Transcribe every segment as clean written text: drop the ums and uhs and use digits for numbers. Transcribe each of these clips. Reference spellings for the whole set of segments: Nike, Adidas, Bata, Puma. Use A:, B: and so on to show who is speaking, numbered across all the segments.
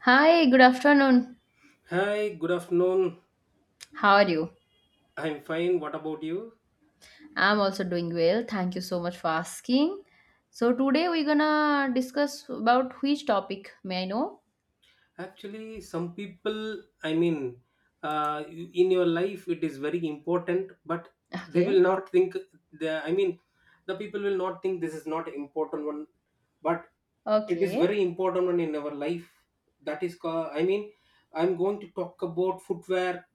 A: Hi, good afternoon.
B: Hi, good afternoon.
A: How are you?
B: I'm fine. What about you?
A: I'm also doing well. Thank you so much for asking. So today we're gonna discuss about which topic, may I know?
B: Actually, some people, I mean, in your life, it is very important, but they will
A: Okay.
B: not think. The, I mean, the people will not think this is not important one, but it is
A: Okay.
B: very important one in our life. That is, I'm going to talk about footwear.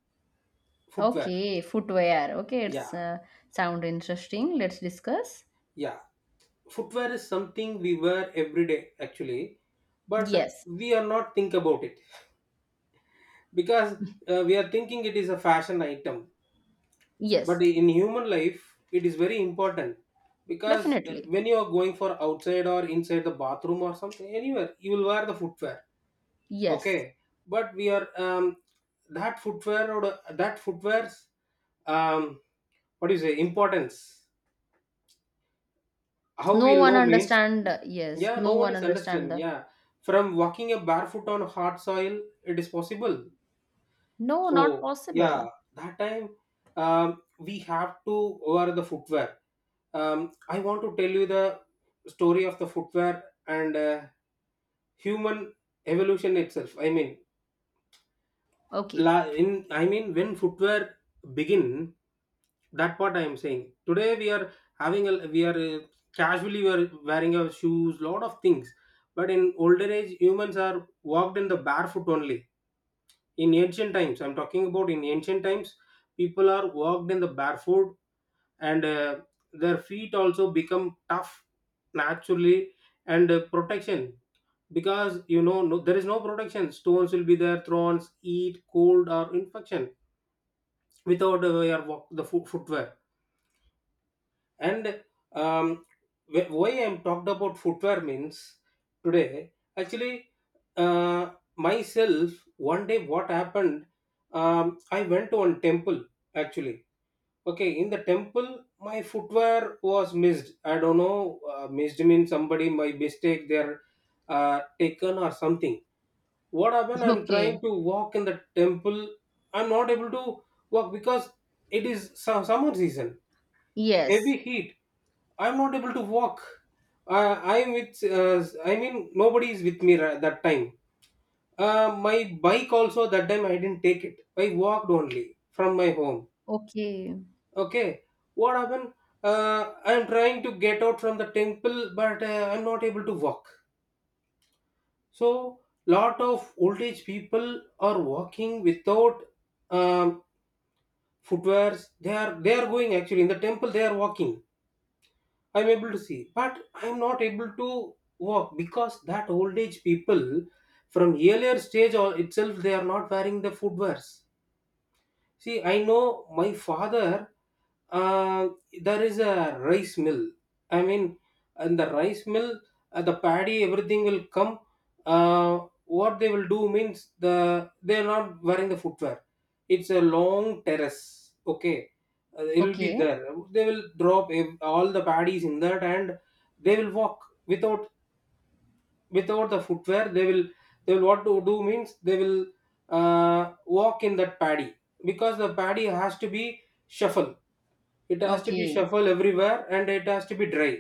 B: Footwear,
A: Okay, footwear. Okay,
B: yeah,
A: it's sound interesting. Let's discuss.
B: yeah. Footwear is something we wear every day, actually, but
A: Yes.
B: we are not think about it because we are thinking it is a fashion item, but
A: Yes.
B: in human life it is very important because
A: Definitely.
B: when you are going for outside or inside the bathroom or something anywhere you will wear the footwear.
A: Yes.
B: Okay, but we are that footwear or that footwear's um, what do you say importance, how
A: No
B: we'll
A: one
B: know means.
A: understand. Yes.
B: Yeah, no
A: No
B: one
A: one
B: is
A: understand
B: understand,
A: the.
B: yeah. From walking a barefoot on hard soil it is possible.
A: No, not
B: So
A: possible.
B: yeah, that time we have to wear the footwear. I want to tell you the story of the footwear and human evolution itself. I mean,
A: Okay.
B: when footwear begin, that what I am saying. Today we are having a we are uh, casually we are wearing our shoes, lot of things. But in older age, humans are walked in the barefoot only in ancient times. I'm talking about in ancient times people are walked in the barefoot, and their feet also become tough naturally, and protection, because you know no, there is no protection, stones will be there, thorns, heat, cold or infection without your walk, the footwear. And um, why I'm talked about footwear means, today, actually, myself, one day what happened, I went to one temple actually. Okay, in the temple, my footwear was missed. I don't know, missed means somebody by mistake they're taken or something. What happened? I'm trying
A: Okay.
B: to walk in the temple. I'm not able to walk because it is some summer season, heavy
A: Yes.
B: heat. I'm not able to walk. I'm with. I mean, nobody is with me that time. My bike also that time I didn't take it. I walked only from my home.
A: Okay.
B: Okay, what happened? I'm trying to get out from the temple, but I'm not able to walk. So lot of old age people are walking without um, footwears. They are going actually in the temple. They are walking. I'm able to see, but I'm not able to walk because that old age people from earlier stage or itself they are not wearing the footwears. See, I know my father, uh, there is a rice mill. I mean, and the rice mill, the paddy, everything will come. What they will do means they are not wearing the footwear. It's a long terrace. Okay, it will be
A: Okay.
B: there. They will drop all the paddies in that, and they will walk without, without the footwear they will, they will what to do means they will uh, walk in that paddy because the paddy has to be shuffle, it has to be
A: Okay.
B: shuffle everywhere and it has to be dry.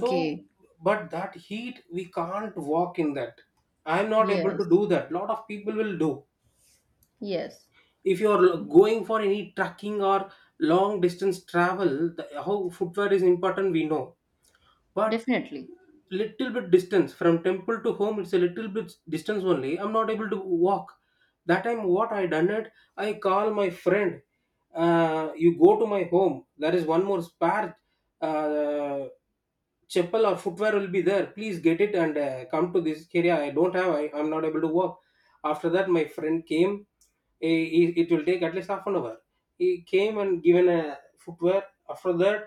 B: So but that heat we can't walk in that. I'm not able
A: Yes.
B: to do that, lot of people will do.
A: Yes,
B: If you are going for any trekking or long distance travel, the, how footwear is important we know, but
A: definitely.
B: little bit distance from temple to home, it's a little bit distance only, I'm not able to walk. That time what I done it, I call my friend. Uh, you go to my home, there is one more spare uh, chapel or footwear will be there, please get it and come to this area, I don't have, I'm not able to walk. After that my friend came. It will take at least half an hour. He came and given a footwear. After that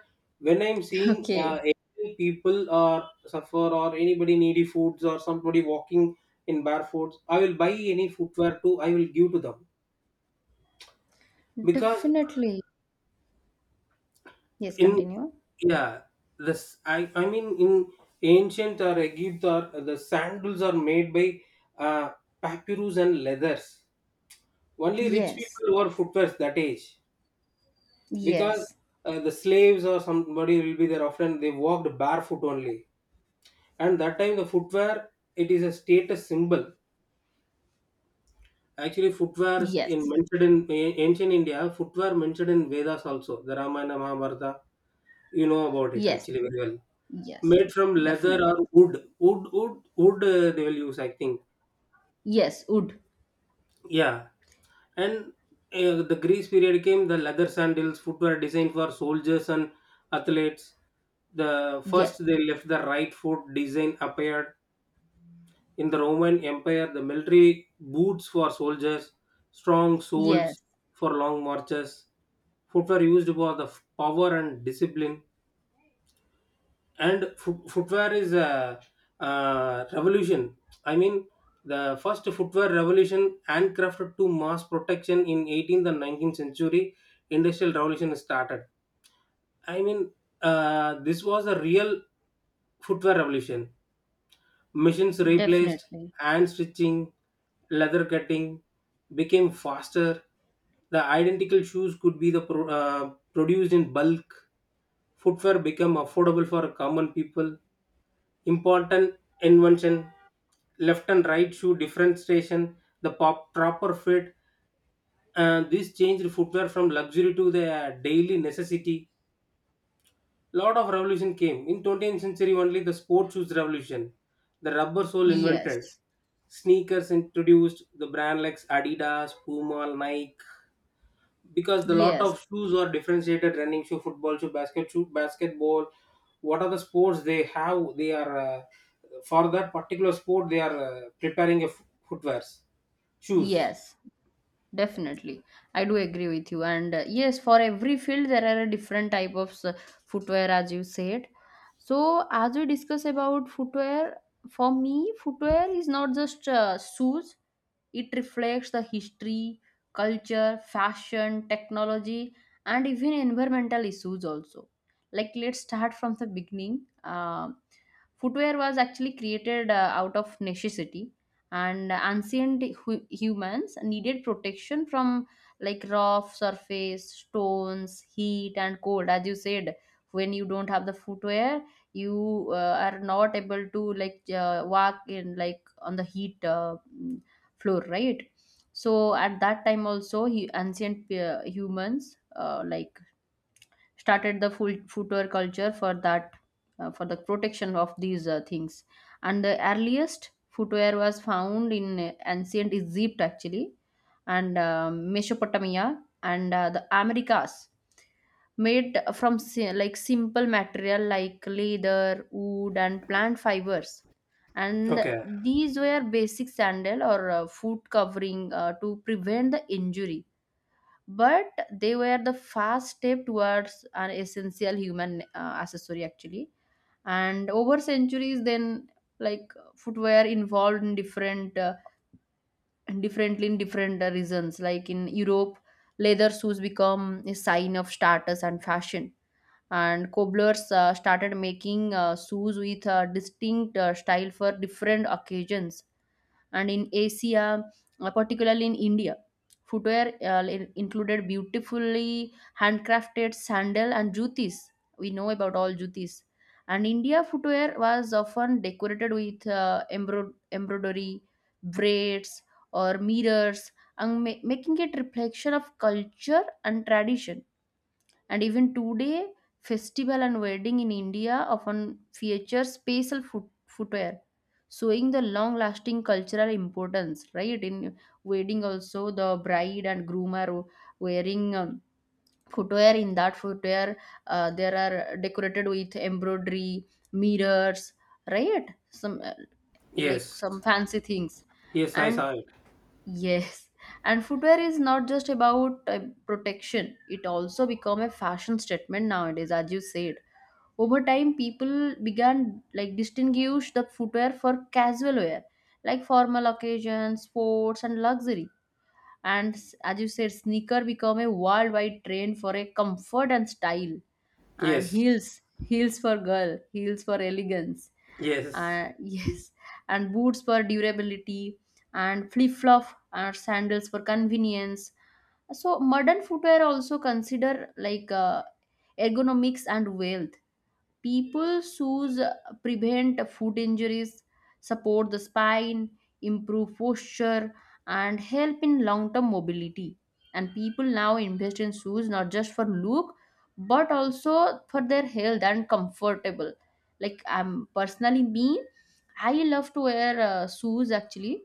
B: when I'm seeing
A: Okay.
B: any people or suffer or anybody needy foods or somebody walking in barefoots, I will buy any footwear too, I will give to them, because
A: Definitely. Yes,
B: in
A: continue.
B: yeah this I mean in ancient or Egypt or the sandals are made by uh, papyrus and leathers, only rich
A: Yes.
B: people wore footwear that age, because
A: Yes.
B: the slaves or somebody will be there, often they walked barefoot only. And that time the footwear, it is a status symbol. Actually footwear is in
A: Yes.
B: mentioned in ancient India, footwear mentioned in Vedas also, the Ramayana, Mahabharata, you know about it
A: Yes.
B: actually very well,
A: Yes.
B: made from leather
A: Definitely.
B: or wood. Wood, they will use I think.
A: Yes, would.
B: Yeah. And the Greece period came, the leather sandals, footwear designed for soldiers and athletes. The
A: Yes.
B: first they left the right foot design appeared in the Roman Empire, the military boots for soldiers, strong soles
A: Yes.
B: for long marches, footwear used for the power and discipline. And footwear is a, uh, revolution, I mean, the first footwear revolution, handcrafted to mass protection in 18th and 19th century, industrial revolution started. I mean, this was a real footwear revolution. Machines replaced
A: Definitely.
B: hand stitching, leather cutting became faster, the identical shoes could be produced in bulk. Footwear became affordable for common people. Important invention, left and right shoe differentiation, proper fit, and this changed footwear from luxury to the daily necessity. Lot of revolution came in 20th century only. The sport shoes revolution, the rubber sole invented,
A: Yes.
B: sneakers introduced, the brand like Adidas, Puma, Nike, because the lot of
A: Yes.
B: shoes are differentiated, running shoe, football shoe, basket shoe, basketball, what are the sports they have, they are for that particular sport they are preparing a footwears, shoes.
A: Yes. Definitely, I do agree with you. And yes, for every field there are a different type of footwear, as you said. So, as we discuss about footwear, for me, footwear is not just shoes. It reflects the history, culture, fashion, technology, and even environmental issues also. Like, let's start from the beginning. Footwear was actually created out of necessity, and ancient humans needed protection from like rough surface, stones, heat and cold. As you said, when you don't have the footwear, you are not able to like walk in like on the heat floor, right? So at that time also, he ancient humans like started the foot footwear culture for that, for the protection of these things. And the earliest footwear was found in ancient Egypt, actually, and Mesopotamia, and the Americas, made from like simple material like leather, wood and plant fibers. And
B: Okay.
A: these were basic sandal or foot covering to prevent the injury, but they were the first step towards an essential human accessory, actually. And over centuries then, like footwear involved in different differently in different reasons. Like in Europe, leather shoes become a sign of status and fashion, and cobblers started making shoes with a distinct style for different occasions. And in Asia, particularly in India, footwear included beautifully handcrafted sandal and jutis. We know about all jutis. And India footwear was often decorated with embroidery, braids or mirrors, and making it reflection of culture and tradition. And even today, festival and wedding in India often feature spatial footwear, showing the long-lasting cultural importance. Right, in wedding, also the bride and groom are wearing footwear. In that footwear, there are decorated with embroidery, mirrors, right? Some like
B: Yes,
A: some fancy things.
B: yes, I
A: And
B: saw it.
A: yes, and footwear is not just about protection. It also become a fashion statement nowadays, as you said. Over time, people began like distinguish the footwear for casual wear, like formal occasions, sports, and luxury. And as you said, sneaker become a worldwide trend for a comfort and style, and
B: Yes,
A: heels for girl, heels for elegance,
B: yes,
A: yes, and boots for durability, and flip flop or sandals for convenience. So modern footwear also consider like ergonomics and wealth. People shoes prevent foot injuries, support the spine, improve posture, and help in long term mobility. And people now invest in shoes not just for look, but also for their health and comfortable. Like I'm personally me, I love to wear shoes actually,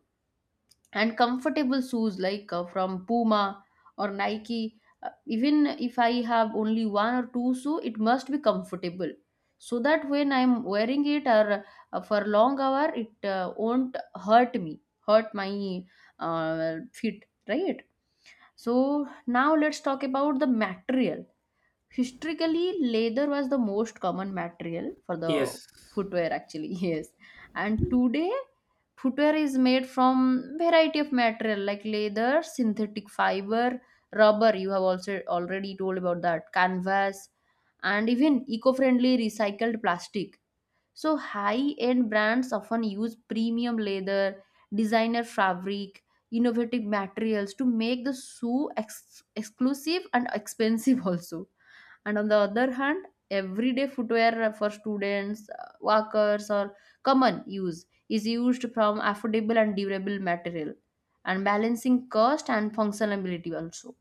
A: and comfortable shoes like from Puma or Nike. Even if I have only one or two shoe, it must be comfortable so that when I'm wearing it, or for long hour, it won't hurt me, hurt my feet, right? So now let's talk about the material. Historically, leather was the most common material for the
B: yes,
A: footwear, actually. Yes. And today, footwear is made from variety of material like leather, synthetic fiber, rubber, you have also already told about that, canvas, and even eco-friendly recycled plastic. So high-end brands often use premium leather, designer fabric, innovative materials to make the shoe exclusive and expensive, also. And on the other hand, everyday footwear for students, workers or common use is used from affordable and durable material, and balancing cost and functionality also.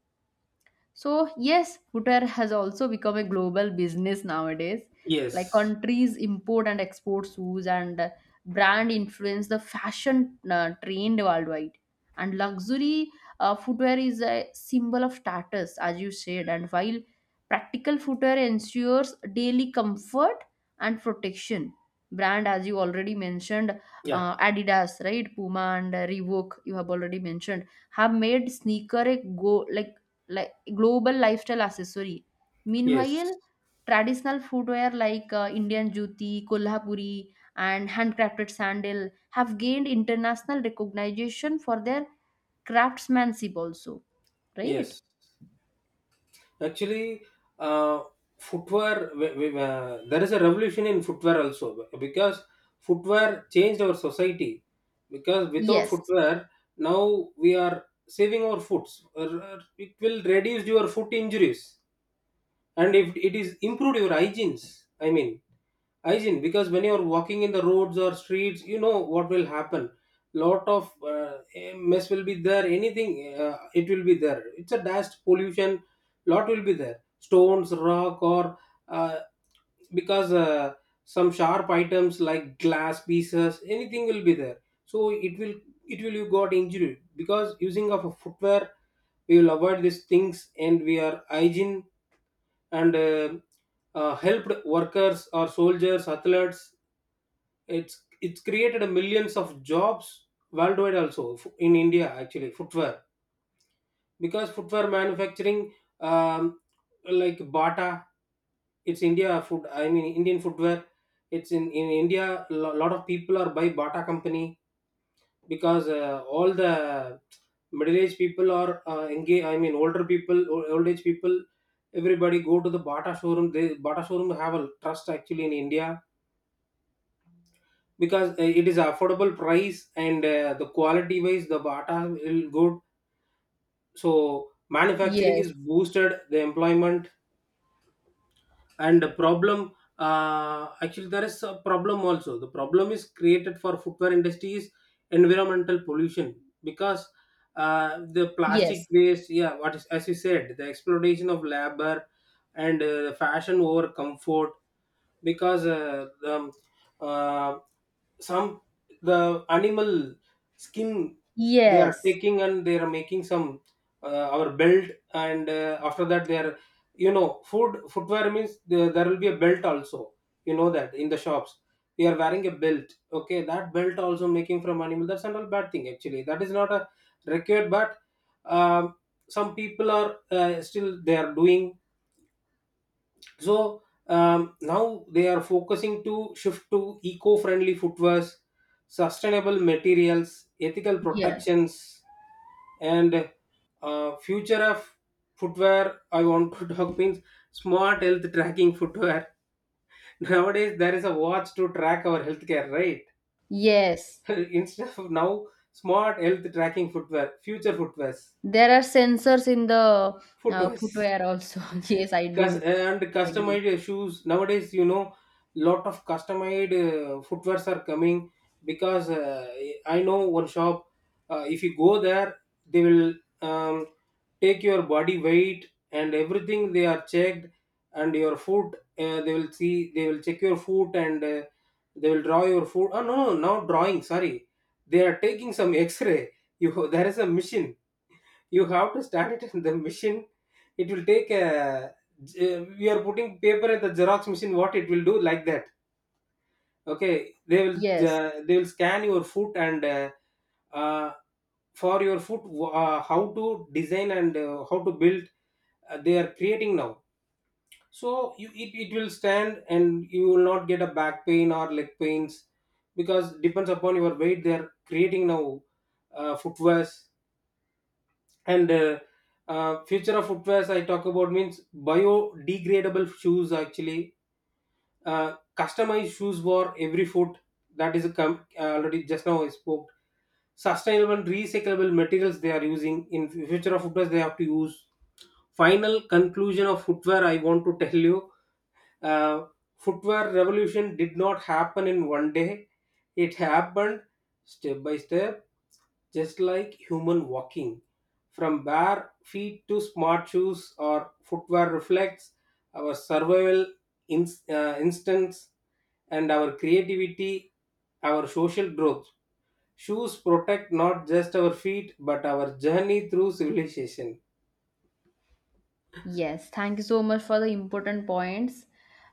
A: So, yes, footwear has also become a global business nowadays. Like
B: yes,
A: countries import and export shoes, and brand influence the fashion trend worldwide. And luxury footwear is a symbol of status, as you said. And while practical footwear ensures daily comfort and protection, brand, as you already mentioned,
B: yeah,
A: Adidas, right? Puma and Reebok, you have already mentioned, have made sneaker a go like global lifestyle accessory.
B: yes.
A: Meanwhile, traditional footwear like Indian juti, Kolhapuri, and handcrafted sandal have gained international recognition for their craftsmanship also, right?
B: Yes. Actually, uh, footwear, there is a revolution in footwear also because footwear changed our society. Because without
A: Yes,
B: footwear, now we are saving our foots. It will reduce your foot injuries and if it is improved your hygienes. I mean hygiene, because when you're walking in the roads or streets, you know what will happen. Lot of mess will be there, anything it will be there, it's a dust pollution, lot will be there, stones, rock or uh, because some sharp items like glass pieces anything will be there, so it will you got injury. Because using of a footwear, we will avoid these things and we are hygiene. And helped workers or soldiers, athletes, it's created a millions of jobs worldwide also, in India actually, footwear, because footwear manufacturing, um, like Bata, it's India food, I mean Indian footwear. It's in India, a lot of people are by Bata company, because all the middle aged people are engaged, I mean older people, old age people, everybody go to the Bata showroom. They Bata showroom have a trust actually in India because it is affordable price and the quality wise the Bata will good. So manufacturing
A: yes,
B: is boosted the employment, and the problem, actually there is a problem also, the problem is created for footwear industry is environmental pollution, because the plastic
A: yes,
B: waste, yeah, what is as you said the exploitation of labor, and fashion over comfort, because uh, some the animal skin they are
A: yes,
B: taking and they are making some our belt, and after that they are, you know, food, footwear means there, there will be a belt also. You know that in the shops we are wearing a belt. Okay, that belt also making from animal, that's not a bad thing, actually that is not a required, but um, some people are still they are doing. So now they are focusing to shift to eco-friendly footwears, sustainable materials, ethical
A: yes,
B: protections. And future of footwear I want to talk means smart health tracking footwear. Nowadays there is a watch to track our healthcare, right?
A: yes.
B: Instead of now, smart health tracking footwear, future footwears,
A: There are sensors in the
B: footwears.
A: footwear also. Yes, I do
B: And
A: agree.
B: customized shoes nowadays, you know, lot of customized footwears are coming. Because I know one shop. Uh, if you go there they will um, take your body weight and everything they are checked, and your foot, they will see, they will check your foot and they will draw your foot, oh no no no, not drawing, sorry, they are taking some x-ray. You, there is a machine, you have to start it in the machine, it will take a, we are putting paper at the xerox machine what it will do, like that. Okay,
A: Yes.
B: they will scan your foot and uh, for your foot, how to design and how to build, they are creating now. So you, it will Stand and you will not get a back pain or leg pains because depends upon your weight they are creating now footwears. And Future of footwear I talk about means biodegradable shoes actually. Customized shoes for every foot. That is a already just now I spoke. Sustainable and recyclable materials they are using in future of footwear they have to use. Final conclusion of footwear I want to tell you. uh, Footwear revolution did not happen in one day. It happened step by step, just like human walking. From bare feet to smart shoes or footwear reflects our survival instincts and our creativity, our social growth. Shoes protect not just our feet but our journey through civilization.
A: Yes, thank you so much for the important points.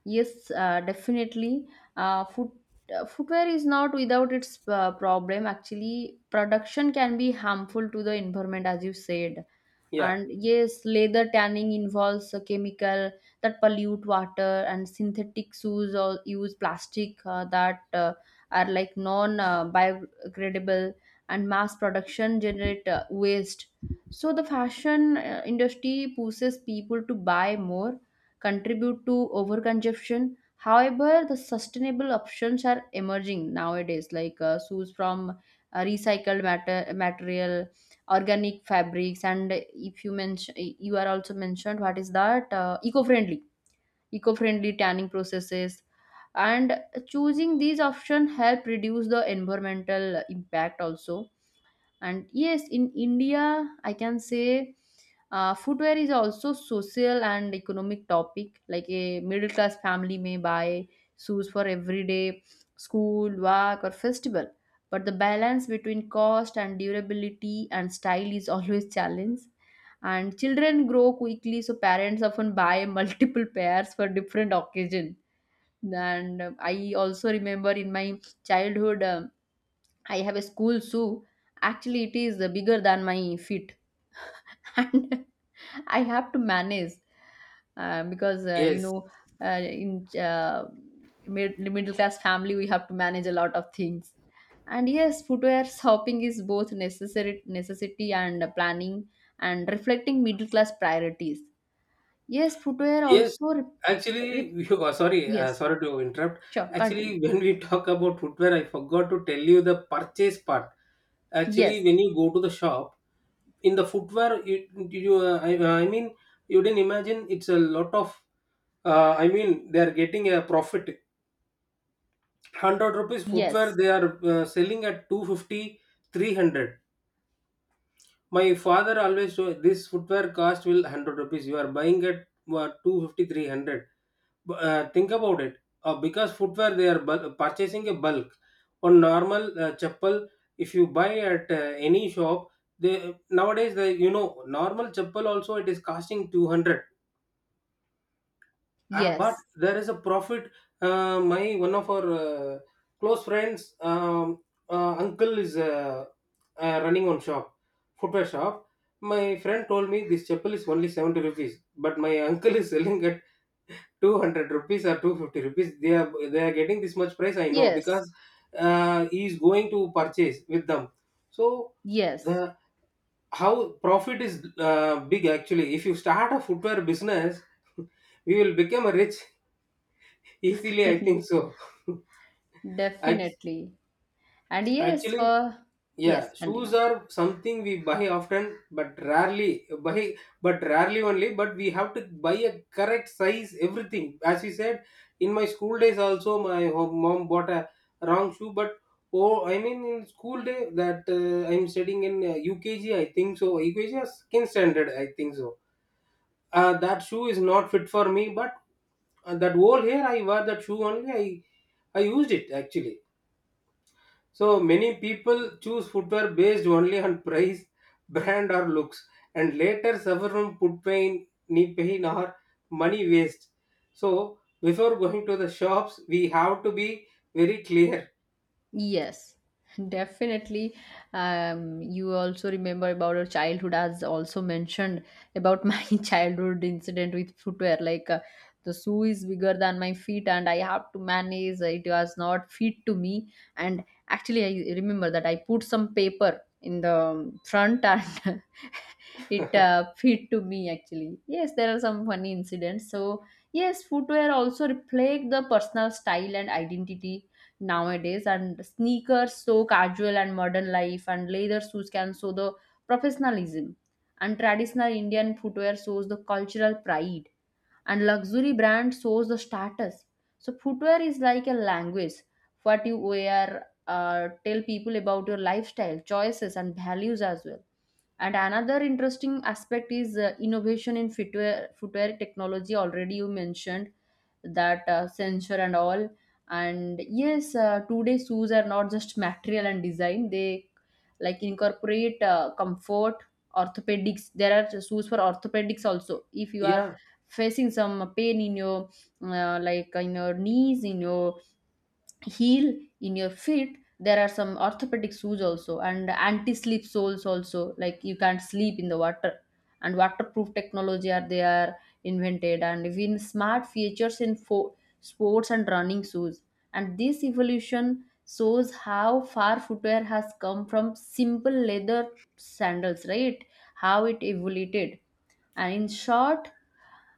A: Yes, definitely. Uh, foot, footwear is not without its problem. Actually, production can be harmful to the environment, as you said.
B: Yeah.
A: And yes, leather tanning involves a chemical that pollute water, and synthetic shoes or use plastic that are like non-biodegradable, and mass production generate waste. So the fashion industry pushes people to buy more, contribute to overconsumption. However, the sustainable options are emerging nowadays, like shoes from recycled matter- material, organic fabrics, and if you mention, you are also mentioned, what is that, eco-friendly, eco-friendly tanning processes. And choosing these options help reduce the environmental impact also. And yes, in India, I can say, footwear is also social and economic topic. Like a middle class family may buy shoes for everyday, school, work or festival, but the balance between cost and durability and style is always challenge. And children grow quickly, so parents often buy multiple pairs for different occasion. And I also remember in my childhood, I have a school shoe. Actually, it is bigger than my feet, and I have to manage, because you
B: Yes,
A: know, uh, in uh, middle class family, we have to manage a lot of things. And yes, footwear shopping is both necessary necessity and planning, and reflecting middle class priorities. Yes, footwear
B: yes,
A: also.
B: actually,
A: Re-
B: you are sorry,
A: yes,
B: sorry to interrupt.
A: sure,
B: Actually,
A: continue.
B: when we talk about footwear, I forgot to tell you the purchase part. Actually,
A: Yes,
B: when you go to the shop, in the footwear, I mean, you didn't imagine it's a lot of. I mean, they are getting a profit. Hundred rupees footwear,
A: yes,
B: they are selling at 250, 300. My father always told this footwear cost will 100 rupees. You are buying at 250. Think about it. Because footwear, they are purchasing a bulk. On normal chappal, if you buy at any shop, they nowadays, they, you know, normal chappal also it is costing 200. But
A: yes,
B: there is a profit. My one of our close friends, uncle is running one shop, footwear shop. My friend told me this chapel is only 70 rupees, but my uncle is selling at 200 rupees or 250 rupees. They are getting this much price. I know
A: yes,
B: because he is going to purchase with them. So
A: yes.
B: the how profit is big actually. If you start a footwear business, we will become a rich. Easily, I think so. Ac-
A: Definitely. And yes,
B: Actually,
A: for yes,
B: yeah, shoes
A: continue.
B: are something we buy often, but rarely buy, but rarely only. But we have to buy a correct size, everything. As you said, in my school days also, my mom bought a wrong shoe. But oh, I mean, in school day that I'm studying in UKG, think so. UKG has skin standard, I think so. That shoe is not fit for me, but that whole here, I wore that shoe only. I used it actually. So many people choose footwear based only on price, brand, or looks, and later suffer from foot pain, knee pain, or money waste. So before going to the shops, we have to be very clear.
A: Yes, definitely. You also remember about your childhood, as also mentioned about my childhood incident with footwear. Like the shoe is bigger than my feet, and I have to manage. It was not fit to me. And actually, I remember that I put some paper in the front, and it fit to me, actually. Yes, there are some funny incidents. So yes, footwear also reflect the personal style and identity nowadays. And sneakers so casual and modern life, and leather shoes can show the professionalism, and traditional Indian footwear shows the cultural pride, and luxury brand shows the status. So footwear is like a language. What you wear tell people about your lifestyle choices and values as well. And another interesting aspect is innovation in footwear technology, already you mentioned that, sensor and all. And yes, today shoes are not just material and design. They like incorporate comfort, orthopedics. There are shoes for orthopedics also, if you are
B: Yeah,
A: facing some pain in your like in your knees, in your heel, in your feet, there are some orthopedic shoes also, and anti-slip soles also. Like you can't sleep in the water, and waterproof technology are they are invented, and even smart features in sports and running shoes. And this evolution shows how far footwear has come from simple leather sandals, right? How it evolved. And in short,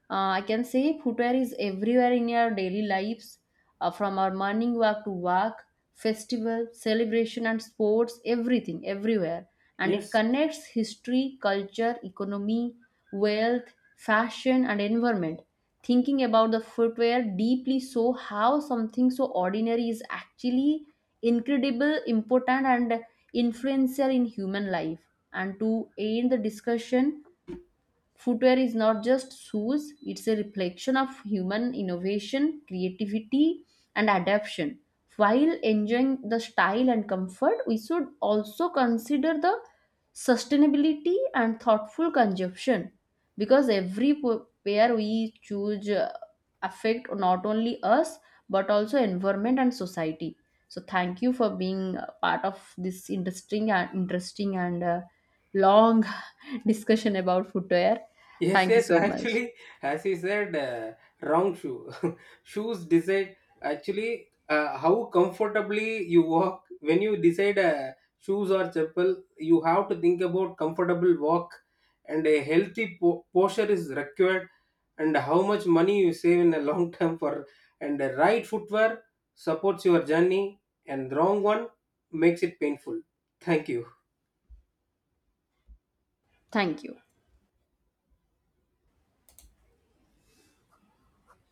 A: I can say footwear is everywhere in our daily lives, from our morning walk to work, festival, celebration, and sports, everything, everywhere. And it
B: yes.
A: connects history, culture, economy, wealth, fashion, and environment. Thinking about the footwear deeply, so how something so ordinary is actually incredible, important, and influential in human life. And to end the discussion, footwear is not just shoes. It's a reflection of human innovation, creativity, and adaptation. While enjoying the style and comfort, we should also consider the sustainability and thoughtful consumption, because every pair we choose affect not only us, but also environment and society. So thank you for being a part of this interesting and long discussion about footwear.
B: Yes,
A: Thank you
B: yes,
A: so much.
B: actually, as you said, wrong shoe. Shoes decide actually how comfortably you walk. When you decide shoes or chapel, you have to think about comfortable walk and a healthy posture is required and how much money you save in a long term for and the right footwear supports your journey and wrong one makes it painful. Thank you.
A: Thank you.